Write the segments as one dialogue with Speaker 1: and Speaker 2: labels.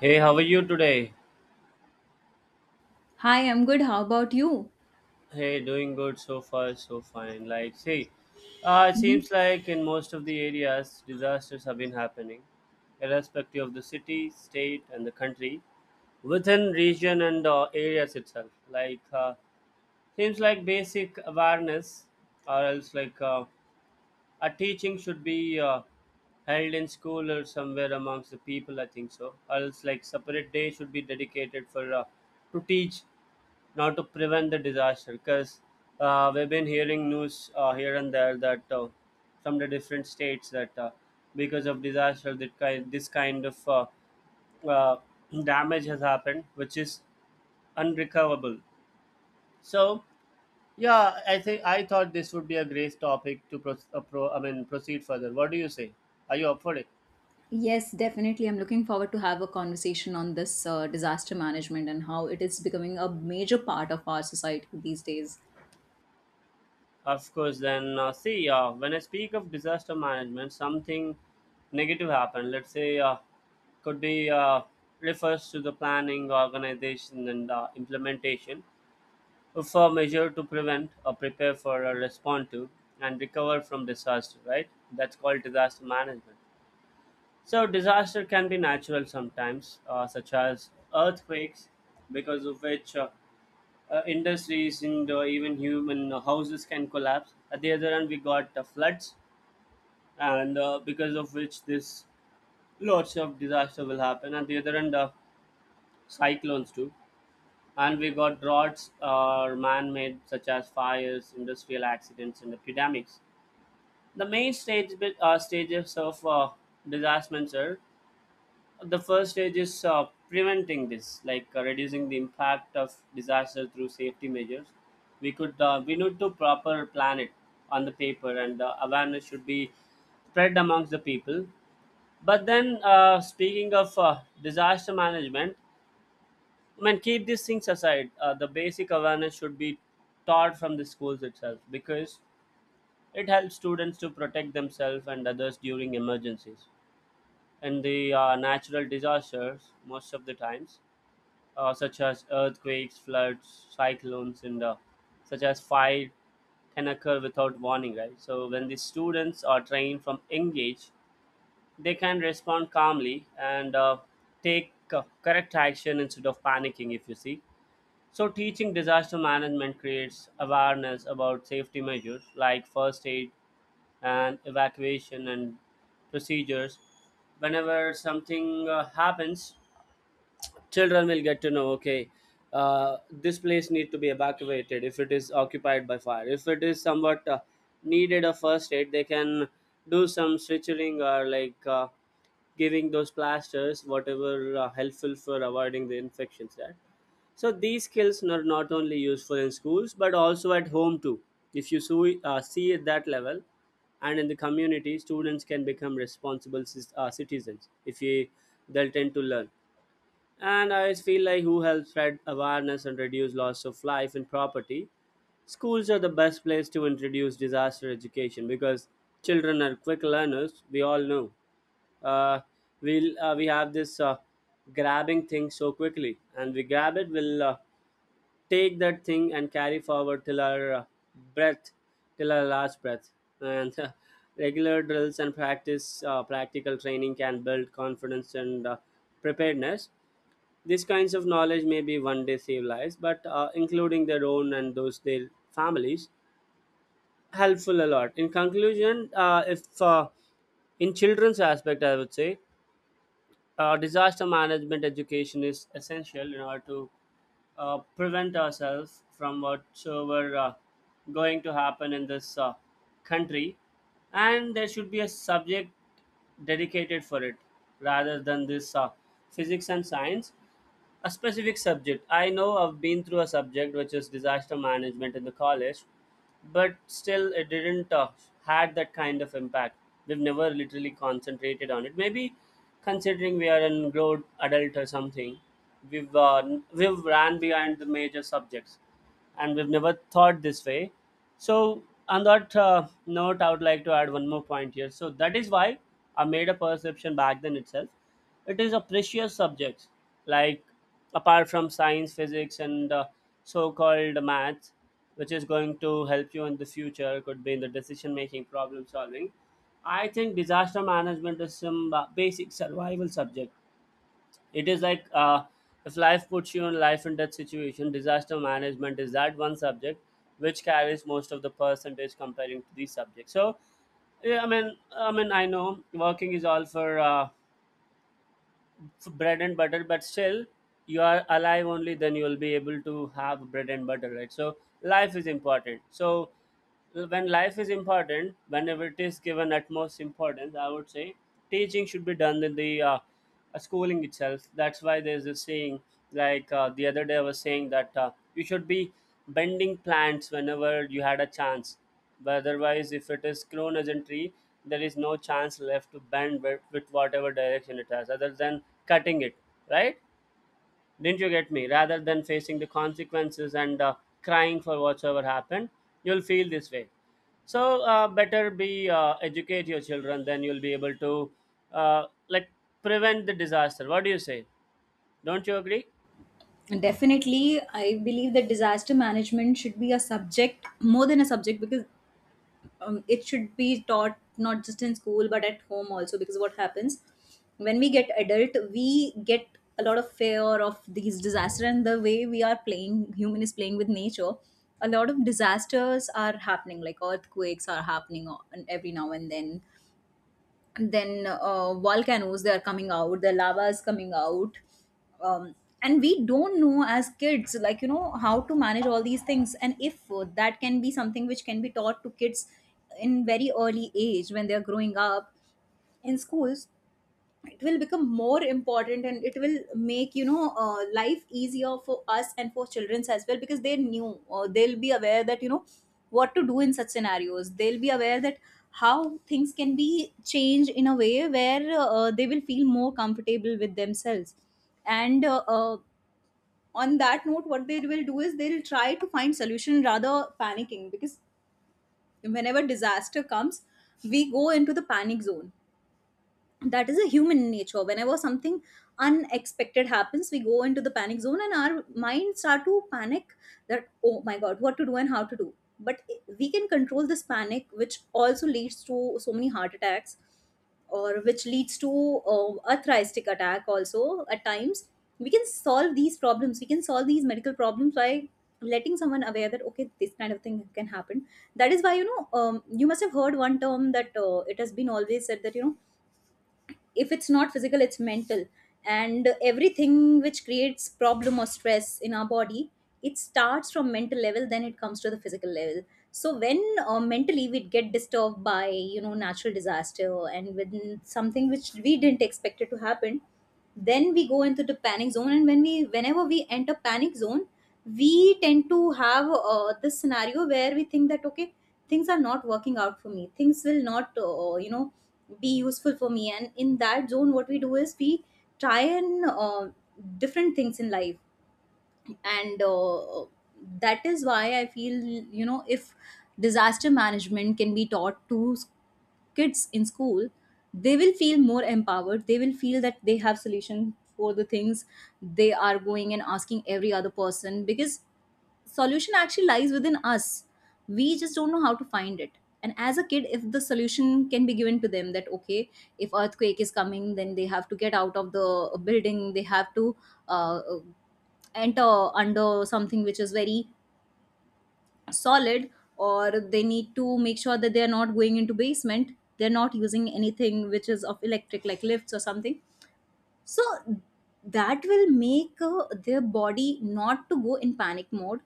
Speaker 1: Hey, how are you today?
Speaker 2: Hi, I'm good. How about you?
Speaker 1: Hey, doing good so far, so fine. Like, see, it
Speaker 2: Mhm.
Speaker 1: seems like in most of the areas, disasters have been happening, irrespective of the city, state, and the country, within region and areas itself. Like, seems like basic awareness, or else like a teaching should be held in school or somewhere amongst the people. I think so. Or else like separate day should be dedicated for to teach now to prevent the disaster because we've been hearing news here and there that from the different states that because of disaster that kind this kind of uh, damage has happened which is unrecoverable. So, yeah, I thought this would be a great topic to proceed further. What do you say? Are you up for it?
Speaker 2: Yes, definitely. I'm looking forward to have a conversation on this disaster management and how it is becoming a major part of our society these days.
Speaker 1: Of course. Then see, when I speak of disaster management, something negative happened. Let's say, could be refers to the planning, organization, and implementation of a measure to prevent or prepare for or respond to and recover from disaster. Right? That's called disaster management. So, disaster can be natural sometimes, such as earthquakes, because of which, industries and even human houses can collapse. At the other end, we got floods, and because of which this lots of disaster will happen. At the other end, cyclones too, and we got droughts or man-made, such as fires, industrial accidents, and epidemics. The main stages of disasters are: the first stage is preventing this, like reducing the impact of disaster through safety measures. We could , we need to proper plan it on the paper, and awareness should be spread amongst the people. But then speaking of disaster management, I mean, keep these things aside, the basic awareness should be taught from the schools itself, because it helps students to protect themselves and others during emergencies. And the natural disasters most of the times, such as earthquakes, floods, cyclones, and such as fire, can occur without warning, right? So when the students are trained from young age, they can respond calmly and take correct action instead of panicking. If you see, so teaching disaster management creates awareness about safety measures like first aid and evacuation and procedures. Whenever something happens, children will get to know, okay, this place need to be evacuated if it is occupied by fire. If it is somewhat needed a first aid, they can do some switching or like giving those plasters, whatever helpful for avoiding the infections there. So these skills are not only useful in schools but also at home too, if you see, see at that level and in the community. Students can become responsible citizens, if you, they'll tend to learn, and I feel like, who helps spread awareness and reduce loss of life and property. Schools are the best place to introduce disaster education because children are quick learners. We all know. Uh, we have this grabbing thing so quickly, and we grab it. We'll take that thing and carry forward till our breath, till our last breath. And regular drills and practical training can build confidence and preparedness. These kinds of knowledge may be one day save lives, but including their own and those their families, helpful a lot. In conclusion, if in children's aspect, I would say disaster management education is essential in order to prevent ourselves from whatsoever going to happen in this country, and there should be a subject dedicated for it rather than this physics and science. A specific subject, I know, I've been through a subject which is disaster management in the college, but still it didn't had that kind of impact. We've never literally concentrated on it, maybe considering we are an grown adult or something. we've uh, we've ran behind the major subjects, and we've never thought this way. So on that note, I would like to add one more point here. So that is why I made a perception back then itself: it is a precious subject, like, apart from science, physics, and so-called math, which is going to help you in the future, could be in the decision making, problem solving, I think disaster management is some basic survival subject. It is like, if life puts you in life and death situation, disaster management is that one subject which carries most of the percentage comparing to these subjects. So, yeah, I mean, I know working is all for bread and butter, but still, you are alive only then you will be able to have bread and butter, right? So life is important. So, when life is important, whenever it is given utmost importance, I would say teaching should be done in the schooling itself. That's why there's a saying, like, the other day I was saying that you should be bending plants whenever you had a chance. But otherwise, if it is grown as a tree, there is no chance left to bend with, whatever direction it has, other than cutting it, right? Didn't you get me? Rather than facing the consequences and crying for whatsoever happened, you'll feel this way. So better be, educate your children, then you'll be able to like prevent the disaster. What do you say? Don't you agree?
Speaker 2: Definitely, I believe that disaster management should be a subject more than a subject because it should be taught not just in school but at home also. Because what happens when we get adult, we get a lot of fear of these disaster, and the way we are playing, human is playing with nature, a lot of disasters are happening. Like earthquakes are happening, and every now and then, volcanoes, they are coming out, the lava is coming out. um, and we don't know as kids, like, you know, how to manage all these things, and if that can be something which can be taught to kids in very early age when they are growing up in schools, it will become more important, and it will make, you know, life easier for us and for children as well, because they knew, or they'll be aware that, you know, what to do in such scenarios. They'll be aware that how things can be changed in a way where they will feel more comfortable with themselves, and on that note, what they will do is they'll try to find solution rather panicking. Because whenever disaster comes, we go into the panic zone. That is a human nature. Whenever something unexpected happens, we go into the panic zone, and our minds start to panic that, oh my god, what to do and how to do. But we can control this panic, which also leads to so many heart attacks, or which leads to arthritic attack also at times. We can solve these problems, we can solve these medical problems by letting someone aware that, okay, this kind of thing can happen. That is why, you know, you must have heard one term that, it has been always said that, you know, if it's not physical, it's mental. And everything which creates problem or stress in our body, it starts from mental level, then it comes to the physical level. So when mentally we get disturbed by, you know, natural disaster, and when something which we didn't expect it to happen, then we go into the panic zone. And when we whenever we enter panic zone, we tend to have this scenario where we think that, okay, things are not working out for me, things will not, you know, be useful for me. And in that zone, what we do is we try and different things in life. And that is why I feel, you know, if disaster management can be taught to kids in school, they will feel more empowered, they will feel that they have solution for the things they are going and asking every other person. Because solution actually lies within us, we just don't know how to find it. And as a kid, if the solution can be given to them that, okay, if earthquake is coming, then they have to get out of the building, they have to uh, enter under something which is very solid, or they need to make sure that they are not going into basement, they're not using anything which is of electric, like lifts or something. So that will make their body not to go in panic mode.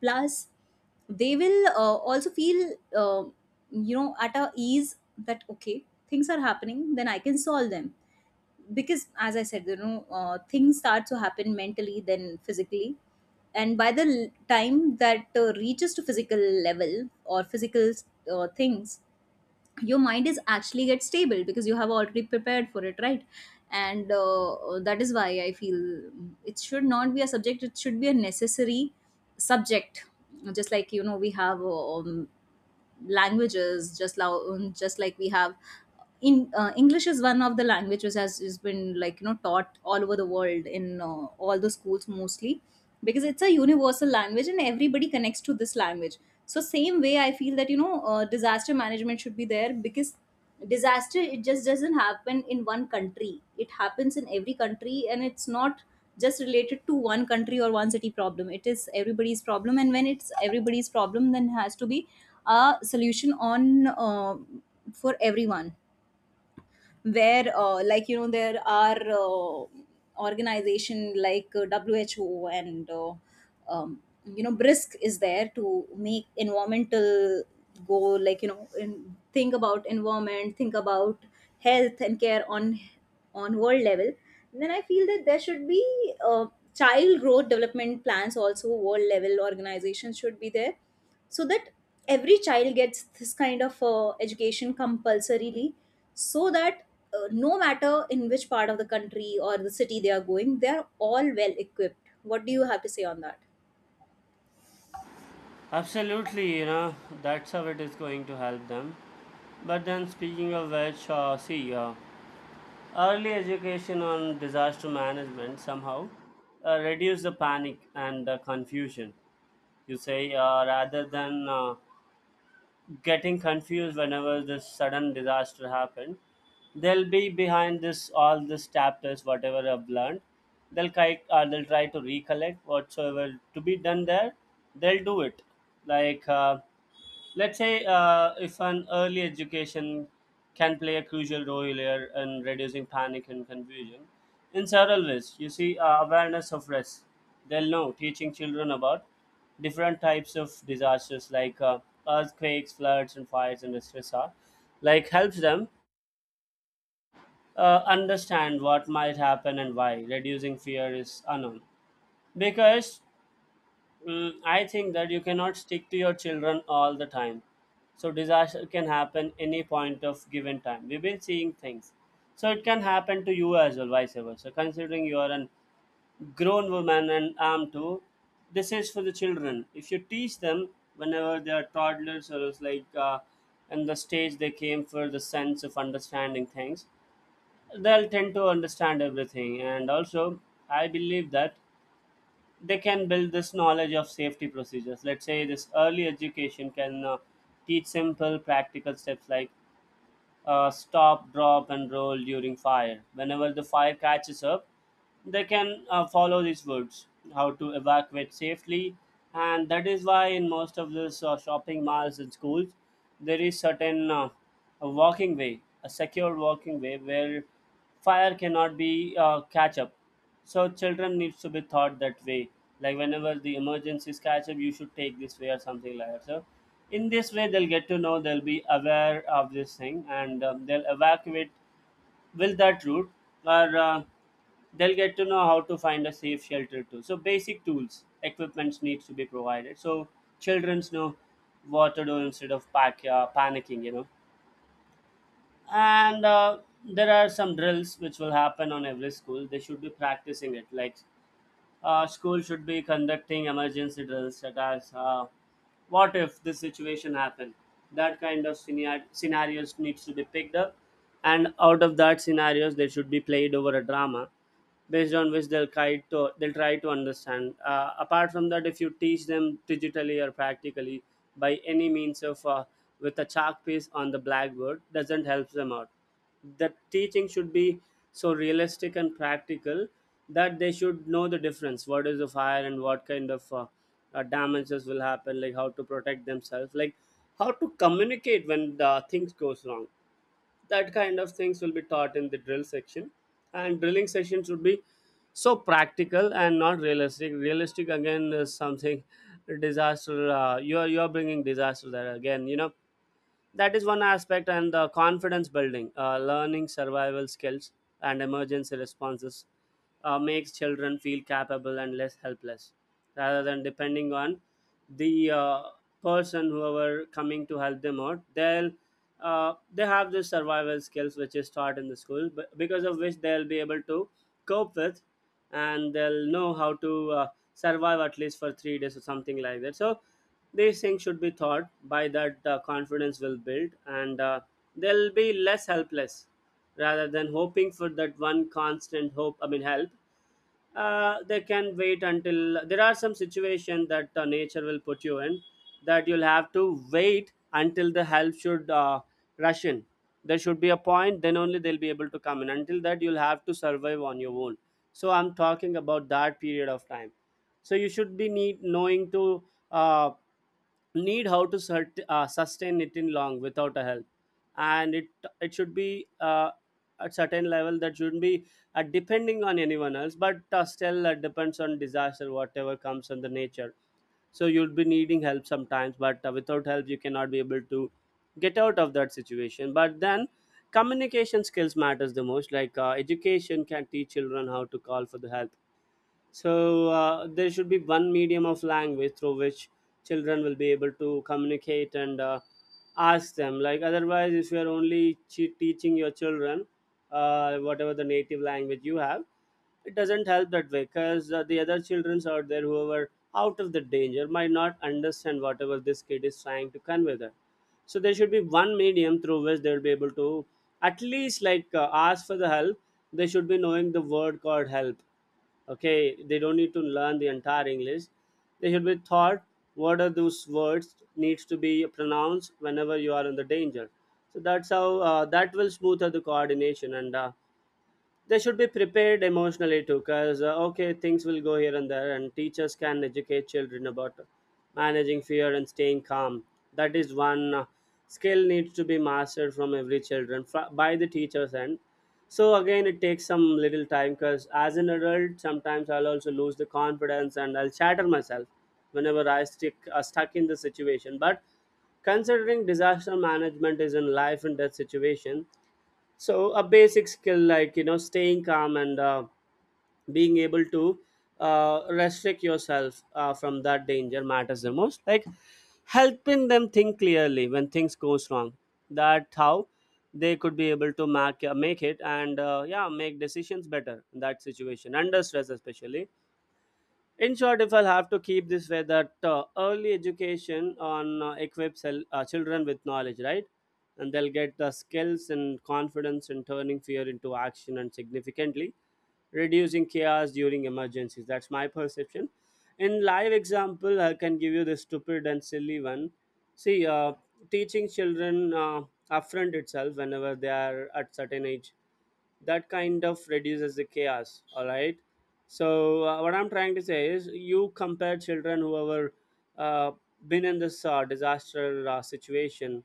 Speaker 2: Plus, they will also feel, you know, at a ease that, okay, things are happening, then I can solve them. Because as I said, you know, things start to happen mentally, then physically. And by the time that reaches to physical level, or physical things, your mind is actually get stable because you have already prepared for it, right? And that is why I feel it should not be a subject, it should be a necessary subject. Just like, you know, we have languages, just like we have in, English is one of the language which has been, like, you know, taught all over the world in, all the schools mostly, because it's a universal language and everybody connects to this language. So same way, I feel that, you know, disaster management should be there, because disaster, it just doesn't happen in one country, it happens in every country, and it's not just related to one country or one city problem, it is everybody's problem. And when it's everybody's problem, then has to be a solution on, for everyone. Where, like, you know, there are organization like, who and um, you know, brisk is there to make environmental go, like, you know, in, think about environment, think about health and care on world level. Then I feel that there should be uh, child growth development plans also. World level organizations should be there, so that every child gets this kind of education compulsorily, so that no matter in which part of the country or the city they are going, they are all well equipped. What do you have to say on that?
Speaker 1: Absolutely, you know, that's how it is going to help them. But then speaking of which, see, early education on disaster management somehow reduce the panic and the confusion. You say, rather than getting confused whenever this sudden disaster happened, they'll be behind this all this chapters, whatever I've learned. They'll try to recollect whatsoever to be done there. They'll do it. Like, let's say if an early education can play a crucial role here in reducing panic and confusion in several ways. You see, awareness of risk. They'll know, teaching children about different types of disasters like earthquakes, floods, and fires and stress are, like, helps them understand what might happen and why. Reducing fear is unknown, because, I think that you cannot stick to your children all the time. So disaster can happen any point of given time. We've been seeing things. So it can happen to you as well, vice versa. So, considering you are a grown woman and I'm too, this is for the children. If you teach them whenever they are toddlers, or it's like in the stage they came for the sense of understanding things, they'll tend to understand everything. And also, I believe that they can build this knowledge of safety procedures. Let's say this early education can teach simple practical steps like stop, drop, and roll during fire. Whenever the fire catches up, they can follow these words how to evacuate safely. And that is why in most of these shopping malls and schools, there is certain a walking way, a secure walking way where fire cannot be catch up, so children needs to be taught that way. Like whenever the emergencies catch up, you should take this way, or something like that. So in this way, they'll get to know, they'll be aware of this thing, and they'll evacuate with that route, or they'll get to know how to find a safe shelter too. So basic tools, equipments needs to be provided. So childrens know what to do instead of panicking, you know. And there are some drills which will happen on every school. They should be practicing it, like school should be conducting emergency drills such as what if this situation happened? That kind of scenarios needs to be picked up, and out of that scenarios they should be played over a drama based on which they'll try to understand. Uh, apart from that, if you teach them digitally or practically by any means of with a chalk piece on the blackboard, doesn't help them out. The teaching should be so realistic and practical that they should know the difference what is the fire and what kind of damages will happen, like how to protect themselves, like how to communicate when the things goes wrong. That kind of things will be taught in the drill section, and drilling section should be so practical and not realistic. Realistic again is something disaster. Uh, you are bringing disaster there again, you know. That is one aspect, and the confidence building, learning survival skills and emergency responses, makes children feel capable and less helpless, rather than depending on the person whoever coming to help them out. They'll, they have this survival skills which is taught in the school, but because of which they'll be able to cope with, and they'll know how to survive at least for 3 days or something like that. So these things should be thought by, that the confidence will build, and they'll be less helpless rather than hoping for that one constant hope, I mean, help. They can wait until there are some situation that nature will put you in, that you'll have to wait until the help should rush in. There should be a point, then only they'll be able to come in. Until that, you'll have to survive on your own. So I'm talking about that period of time, so you should be need knowing to uh, need how to sustain it in long without a help. And it should be at certain level, that shouldn't be depending on anyone else, but still depends on disaster whatever comes from the nature. So you'll be needing help sometimes, but without help you cannot be able to get out of that situation. But then communication skills matters the most, like education can teach children how to call for the help. So there should be one medium of language through which children will be able to communicate and ask them. Like otherwise, if you are only teaching your children whatever the native language you have, it doesn't help that way, because the other childrens out there who are out of the danger might not understand whatever this kid is trying to convey them. So there should be one medium through which they will be able to at least, like, ask for the help. They should be knowing the word called help. Okay, they don't need to learn the entire english. They should be taught what are those words needs to be pronounced whenever you are in the danger. So that's how that will smooth out the coordination. And they should be prepared emotionally too, because okay, things will go here and there, and teachers can educate children about managing fear and staying calm. That is one skill needs to be mastered from every children by the teachers. And so again it takes some little time, because as an adult, sometimes I'll also lose the confidence and I'll shatter myself whenever I stick stuck in the situation. But considering disaster management is in life and death situation, so a basic skill, like, you know, staying calm and being able to restrict yourself from that danger matters the most, like helping them think clearly when things goes wrong. That how they could be able to make it, and yeah, make decisions better in that situation, under stress especially. In short, if I'll have to keep this way, that early education on equips children with knowledge, right? And they'll get the skills and confidence in turning fear into action and significantly reducing chaos during emergencies. That's my perception. In live example, I can give you the stupid and silly one. See, teaching children upfront itself whenever they are at certain age, that kind of reduces the chaos, all right? So what I'm trying to say is, you compare children who have uh, been in this disaster situation.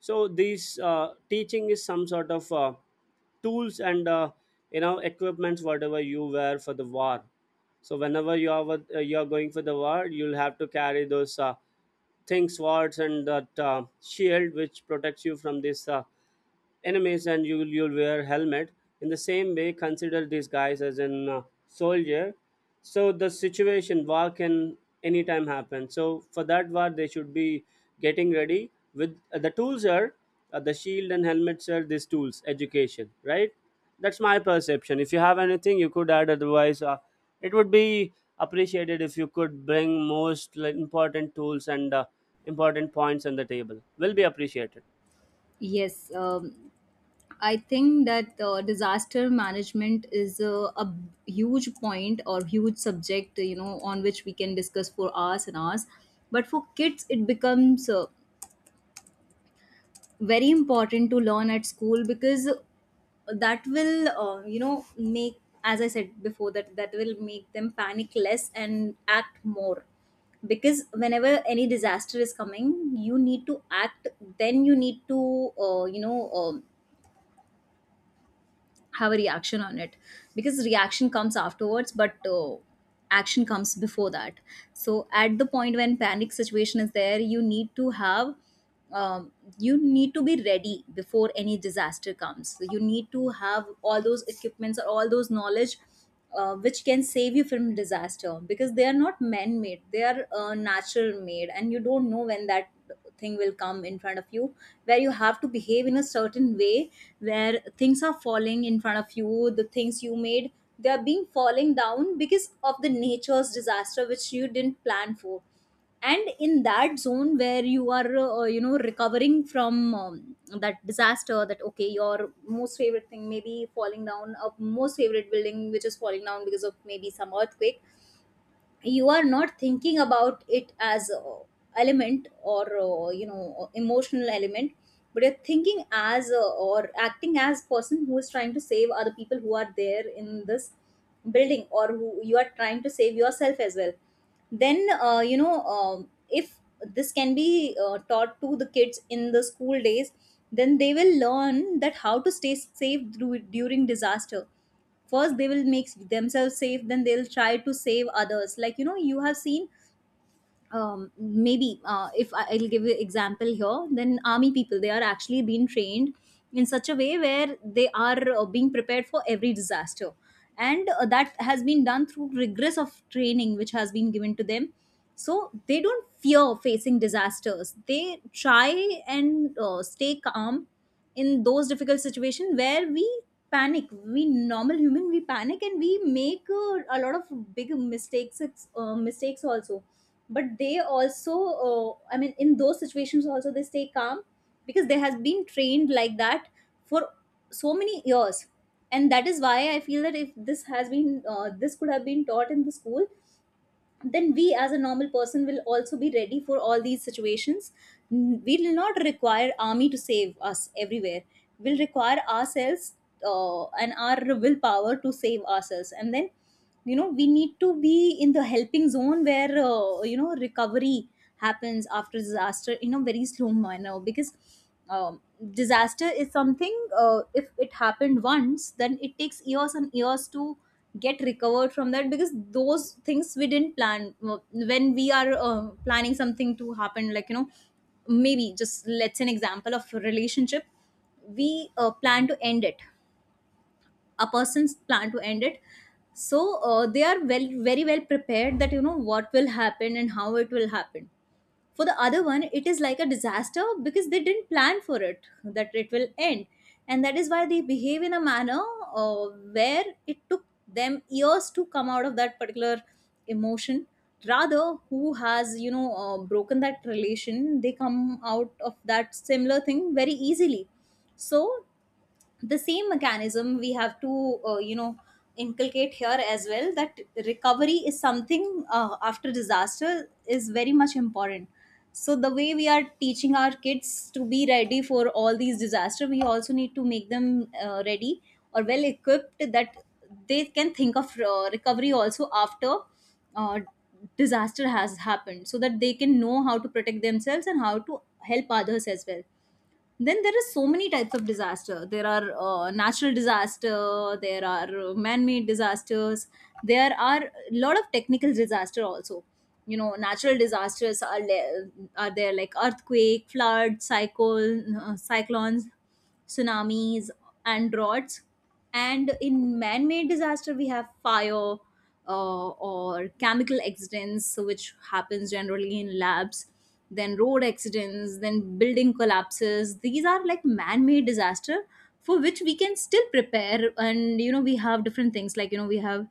Speaker 1: So these teaching is some sort of tools and, you know, equipments whatever you wear for the war. So whenever you are you are going for the war, you'll have to carry those things, swords, and that shield which protects you from this enemies, and you'll wear helmet. In the same way, consider these guys as an soldier. So the situation war can anytime happen, so for that war they should be getting ready with the tools are the shield and helmets are these tools education, right? That's my perception. If you have anything you could add, otherwise it would be appreciated if you could bring most, like, important tools and important points on the table will be appreciated.
Speaker 2: Yes, I think that disaster management is a huge point or huge subject, you know, on which we can discuss for hours and hours. But for kids, it becomes very important to learn at school, because that will, you know, make, as I said before, that that will make them panic less and act more. Because whenever any disaster is coming, you need to act, then you need to, you know, um, have a reaction on it, because reaction comes afterwards, but action comes before that. So at the point when panic situation is there, you need to have, um, you need to be ready before any disaster comes. So you need to have all those equipments or all those knowledge which can save you from disaster, because they are not man made, they are natural made. And you don't know when that thing will come in front of you, where you have to behave in a certain way, where things are falling in front of you, the things you made, they are being falling down because of the nature's disaster which you didn't plan for. And in that zone where you are, you know, recovering from, that disaster, that okay, your most favorite thing maybe falling down, a most favorite building which is falling down because of maybe some earthquake, you are not thinking about it as a element or, you know, emotional element, but you're thinking as, or acting as person who is trying to save other people who are there in this building, or who you are trying to save yourself as well. Then, you know, if this can be taught to the kids in the school days, then they will learn that how to stay safe through, during disaster. First they will make themselves safe, then they'll try to save others. Like, you know, you have seen, maybe, if I'll give you example here, then army people, they are actually being trained in such a way where they are being prepared for every disaster. And that has been done through rigorous of training which has been given to them. So they don't fear facing disasters, they try and stay calm in those difficult situations where we panic, we normal human, we panic and we make a lot of big mistakes, mistakes also. But they also, I mean, in those situations also they stay calm, because they has been trained like that for so many years. And that is why I feel that if this has been, this could have been taught in the school, then we as a normal person will also be ready for all these situations. We will not require army to save us everywhere, we'll require ourselves, and our willpower to save ourselves. And then, you know, we need to be in the helping zone where, you know, recovery happens after disaster in a very slow manner. Because um, disaster is something, if it happened once, then it takes years and years to get recovered from that, because those things we didn't plan. When we are, planning something to happen, like, you know, maybe just, let's say an example of a relationship, we, plan to end it, a person's plan to end it. So, they are well, very well prepared that, you know, what will happen and how it will happen. For the other one, it is like a disaster because they didn't plan for it that it will end. And that is why they behave in a manner uh, where it took them years to come out of that particular emotion, rather who has broken that relation, they come out of that similar thing very easily. So the same mechanism we have to, inculcate here as well, that recovery is something, after disaster, is very much important. So the way we are teaching our kids to be ready for all these disaster, we also need to make them ready or well equipped that they can think of recovery also after uh, disaster has happened, so that they can know how to protect themselves and how to help others as well. Then there are so many types of disaster. There are natural disaster, there are man-made disasters, there are a lot of technical disaster also. You know, natural disasters are are there like earthquake, flood, cyclone, cyclones, tsunamis and droughts. And in man-made disaster we have fire, or chemical accidents, which happens generally in labs, then road accidents, then building collapses. These are like man-made disaster for which we can still prepare. And you know, we have different things like, you know, we have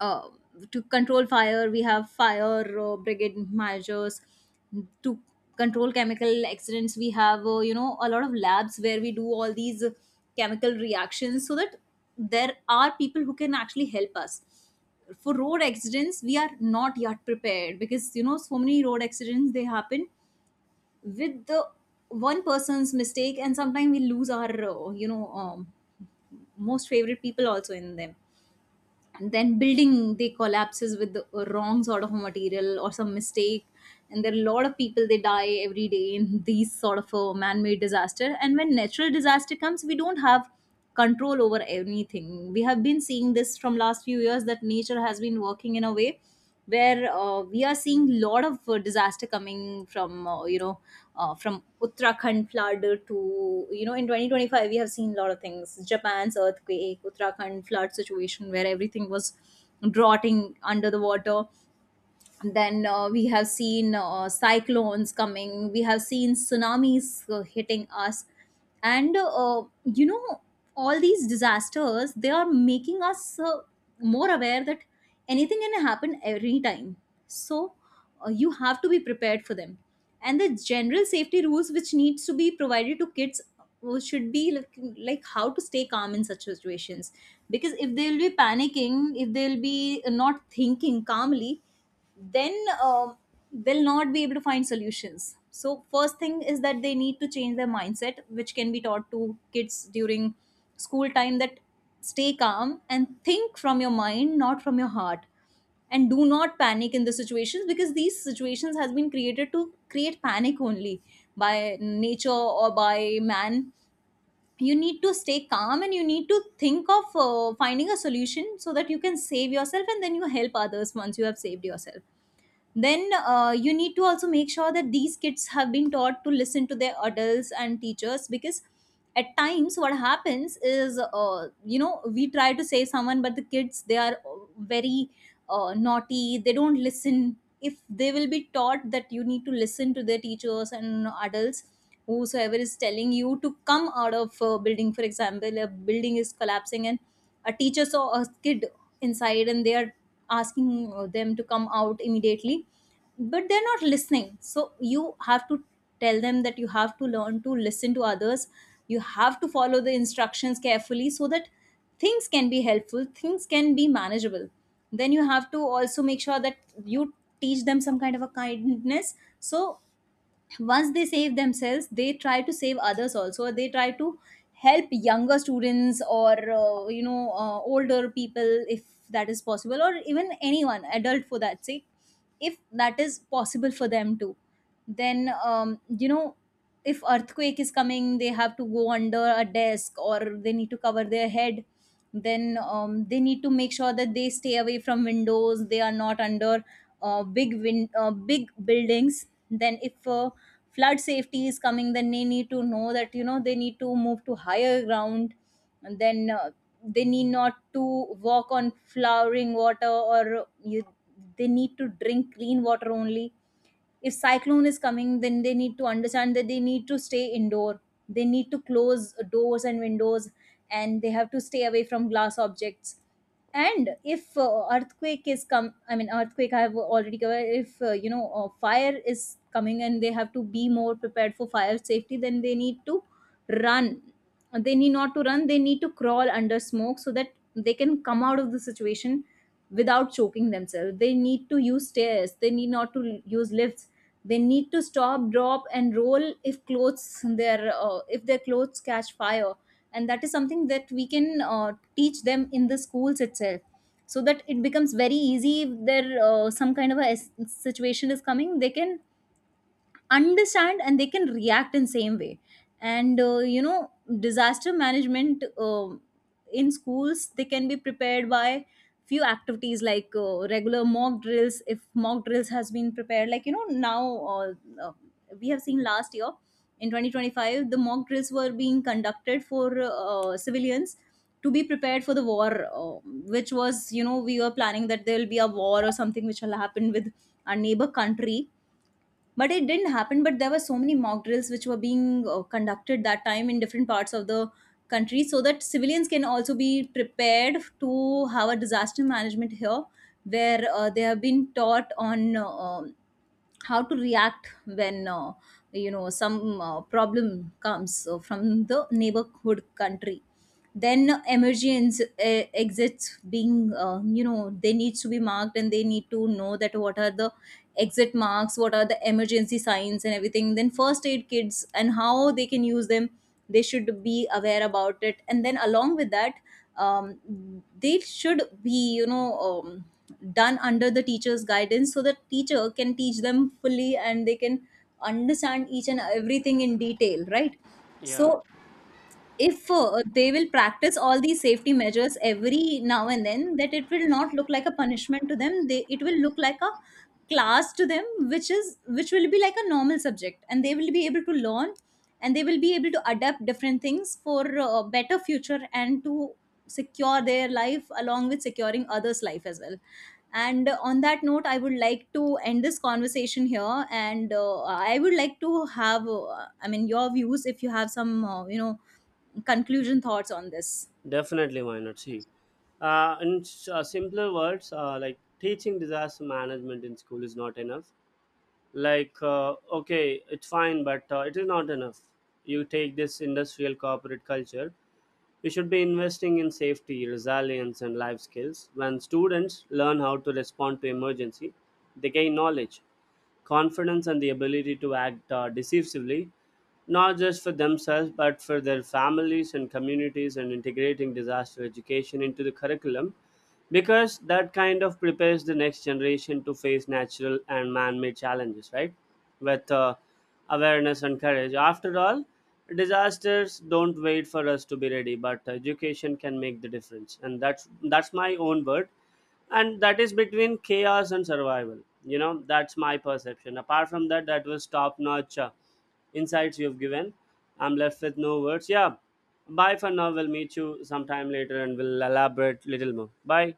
Speaker 2: uh, to control fire, we have fire brigade measures. To control chemical accidents, we have, a lot of labs where we do all these chemical reactions so that there are people who can actually help us. For road accidents we are not yet prepared, because you know, so many road accidents they happen with the one person's mistake, and sometimes we lose our most favorite people also in them. And then building they collapses with the wrong sort of material or some mistake, and there are a lot of people they die every day in these sort of a man-made disaster. And when natural disaster comes, we don't have control over anything. We have been seeing this from last few years, that nature has been working in a way where we are seeing a lot of disaster coming from, from Uttarakhand flood to, you know, in 2025 we have seen a lot of things, Japan's earthquake, Uttarakhand flood situation where everything was rotting under the water. Then we have seen cyclones coming, we have seen tsunamis hitting us, and all these disasters they are making us more aware that anything can happen every time. So you have to be prepared for them. And the general safety rules which needs to be provided to kids should be like how to stay calm in such situations, because if they'll be panicking, if they'll be not thinking calmly, then they'll not be able to find solutions. So first thing is that they need to change their mindset, which can be taught to kids during school time, that stay calm and think from your mind, not from your heart, and do not panic in the situations, because these situations has been created to create panic only, by nature or by man. You need to stay calm and you need to think of finding a solution, so that you can save yourself, and then you help others once you have saved yourself. Then you need to also make sure that these kids have been taught to listen to their adults and teachers, because at times what happens is, we try to save someone, but the kids they are very naughty, they don't listen. If they will be taught that you need to listen to their teachers and adults, whosoever is telling you to come out of a building. For example, a building is collapsing and a teacher saw a kid inside, and they are asking them to come out immediately but they're not listening. So you have to tell them that you have to learn to listen to others. You have to follow the instructions carefully, so that things can be helpful, things can be manageable. Then you have to also make sure that you teach them some kind of a kindness, so once they save themselves they try to save others also, they try to help younger students or, older people if that is possible, or even anyone adult for that sake, if that is possible for them too. Then, if earthquake is coming, they have to go under a desk, or they need to cover their head. Then they need to make sure that they stay away from windows, they are not under big buildings. Then if flood safety is coming, then they need to know that, you know, they need to move to higher ground, and then they need not to walk on flowering water, or you, they need to drink clean water only. If cyclone is coming, then they need to understand that they need to stay indoor, they need to close doors and windows, and they have to stay away from glass objects. And if earthquake is come, I mean earthquake I have already covered. If fire is coming, and they have to be more prepared for fire safety, then they need to run they need not to run, they need to crawl under smoke, so that they can come out of the situation without choking themselves. They need to use stairs, they need not to use lifts. They need to stop, drop and roll if clothes their if their clothes catch fire. And that is something that we can teach them in the schools itself, so that it becomes very easy. If there some kind of a situation is coming, they can understand and they can react in same way. And disaster management in schools, they can be prepared by few activities like regular mock drills. If mock drills has been prepared like, you know, now uh, uh, we have seen last year, in 2025 the mock drills were being conducted for civilians to be prepared for the war, uh, which was, you know, we were planning that there will be a war or something which will happen with our neighbor country, but it didn't happen. But there were so many mock drills which were being conducted that time in different parts of the country, so that civilians can also be prepared to have a disaster management here, where they have been taught on how to react when, some problem comes from the neighborhood country. Then emergency exits being, they needs to be marked, and they need to know that what are the exit marks, what are the emergency signs and everything. Then first aid kits and how they can use them, they should be aware about it. And then along with that um, they should be, done under the teacher's guidance, so the teacher can teach them fully and they can understand each and everything in detail, right?
Speaker 1: Yeah.
Speaker 2: So if they will practice all these safety measures every now and then, that it will not look like a punishment to them, they it will look like a class to them, which is which will be like a normal subject, and they will be able to learn, and they will be able to adapt different things for a better future, and to secure their life along with securing others life as well. And on that note, I would like to end this conversation here. And I would like to have, I mean, your views, if you have some, conclusion thoughts on this.
Speaker 1: Definitely, why not? See, in simpler words, like, teaching disaster management in school is not enough. Like, okay, it's fine, but it is not enough. You take this industrial corporate culture, you should be investing in safety, resilience, and life skills. When students learn how to respond to emergency, they gain knowledge, confidence, and the ability to act, decisively, not just for themselves but for their families and communities. And integrating disaster education into the curriculum, because that kind of prepares the next generation to face natural and man-made challenges, right, with awareness and courage. After all, disasters don't wait for us to be ready, but education can make the difference. And that's my own word, and that is between chaos and survival, you know. That's my perception. Apart from that, that was top notch insights you've given. I'm left with no words. Yeah, bye for now. We'll meet you sometime later, and we'll elaborate little more. Bye.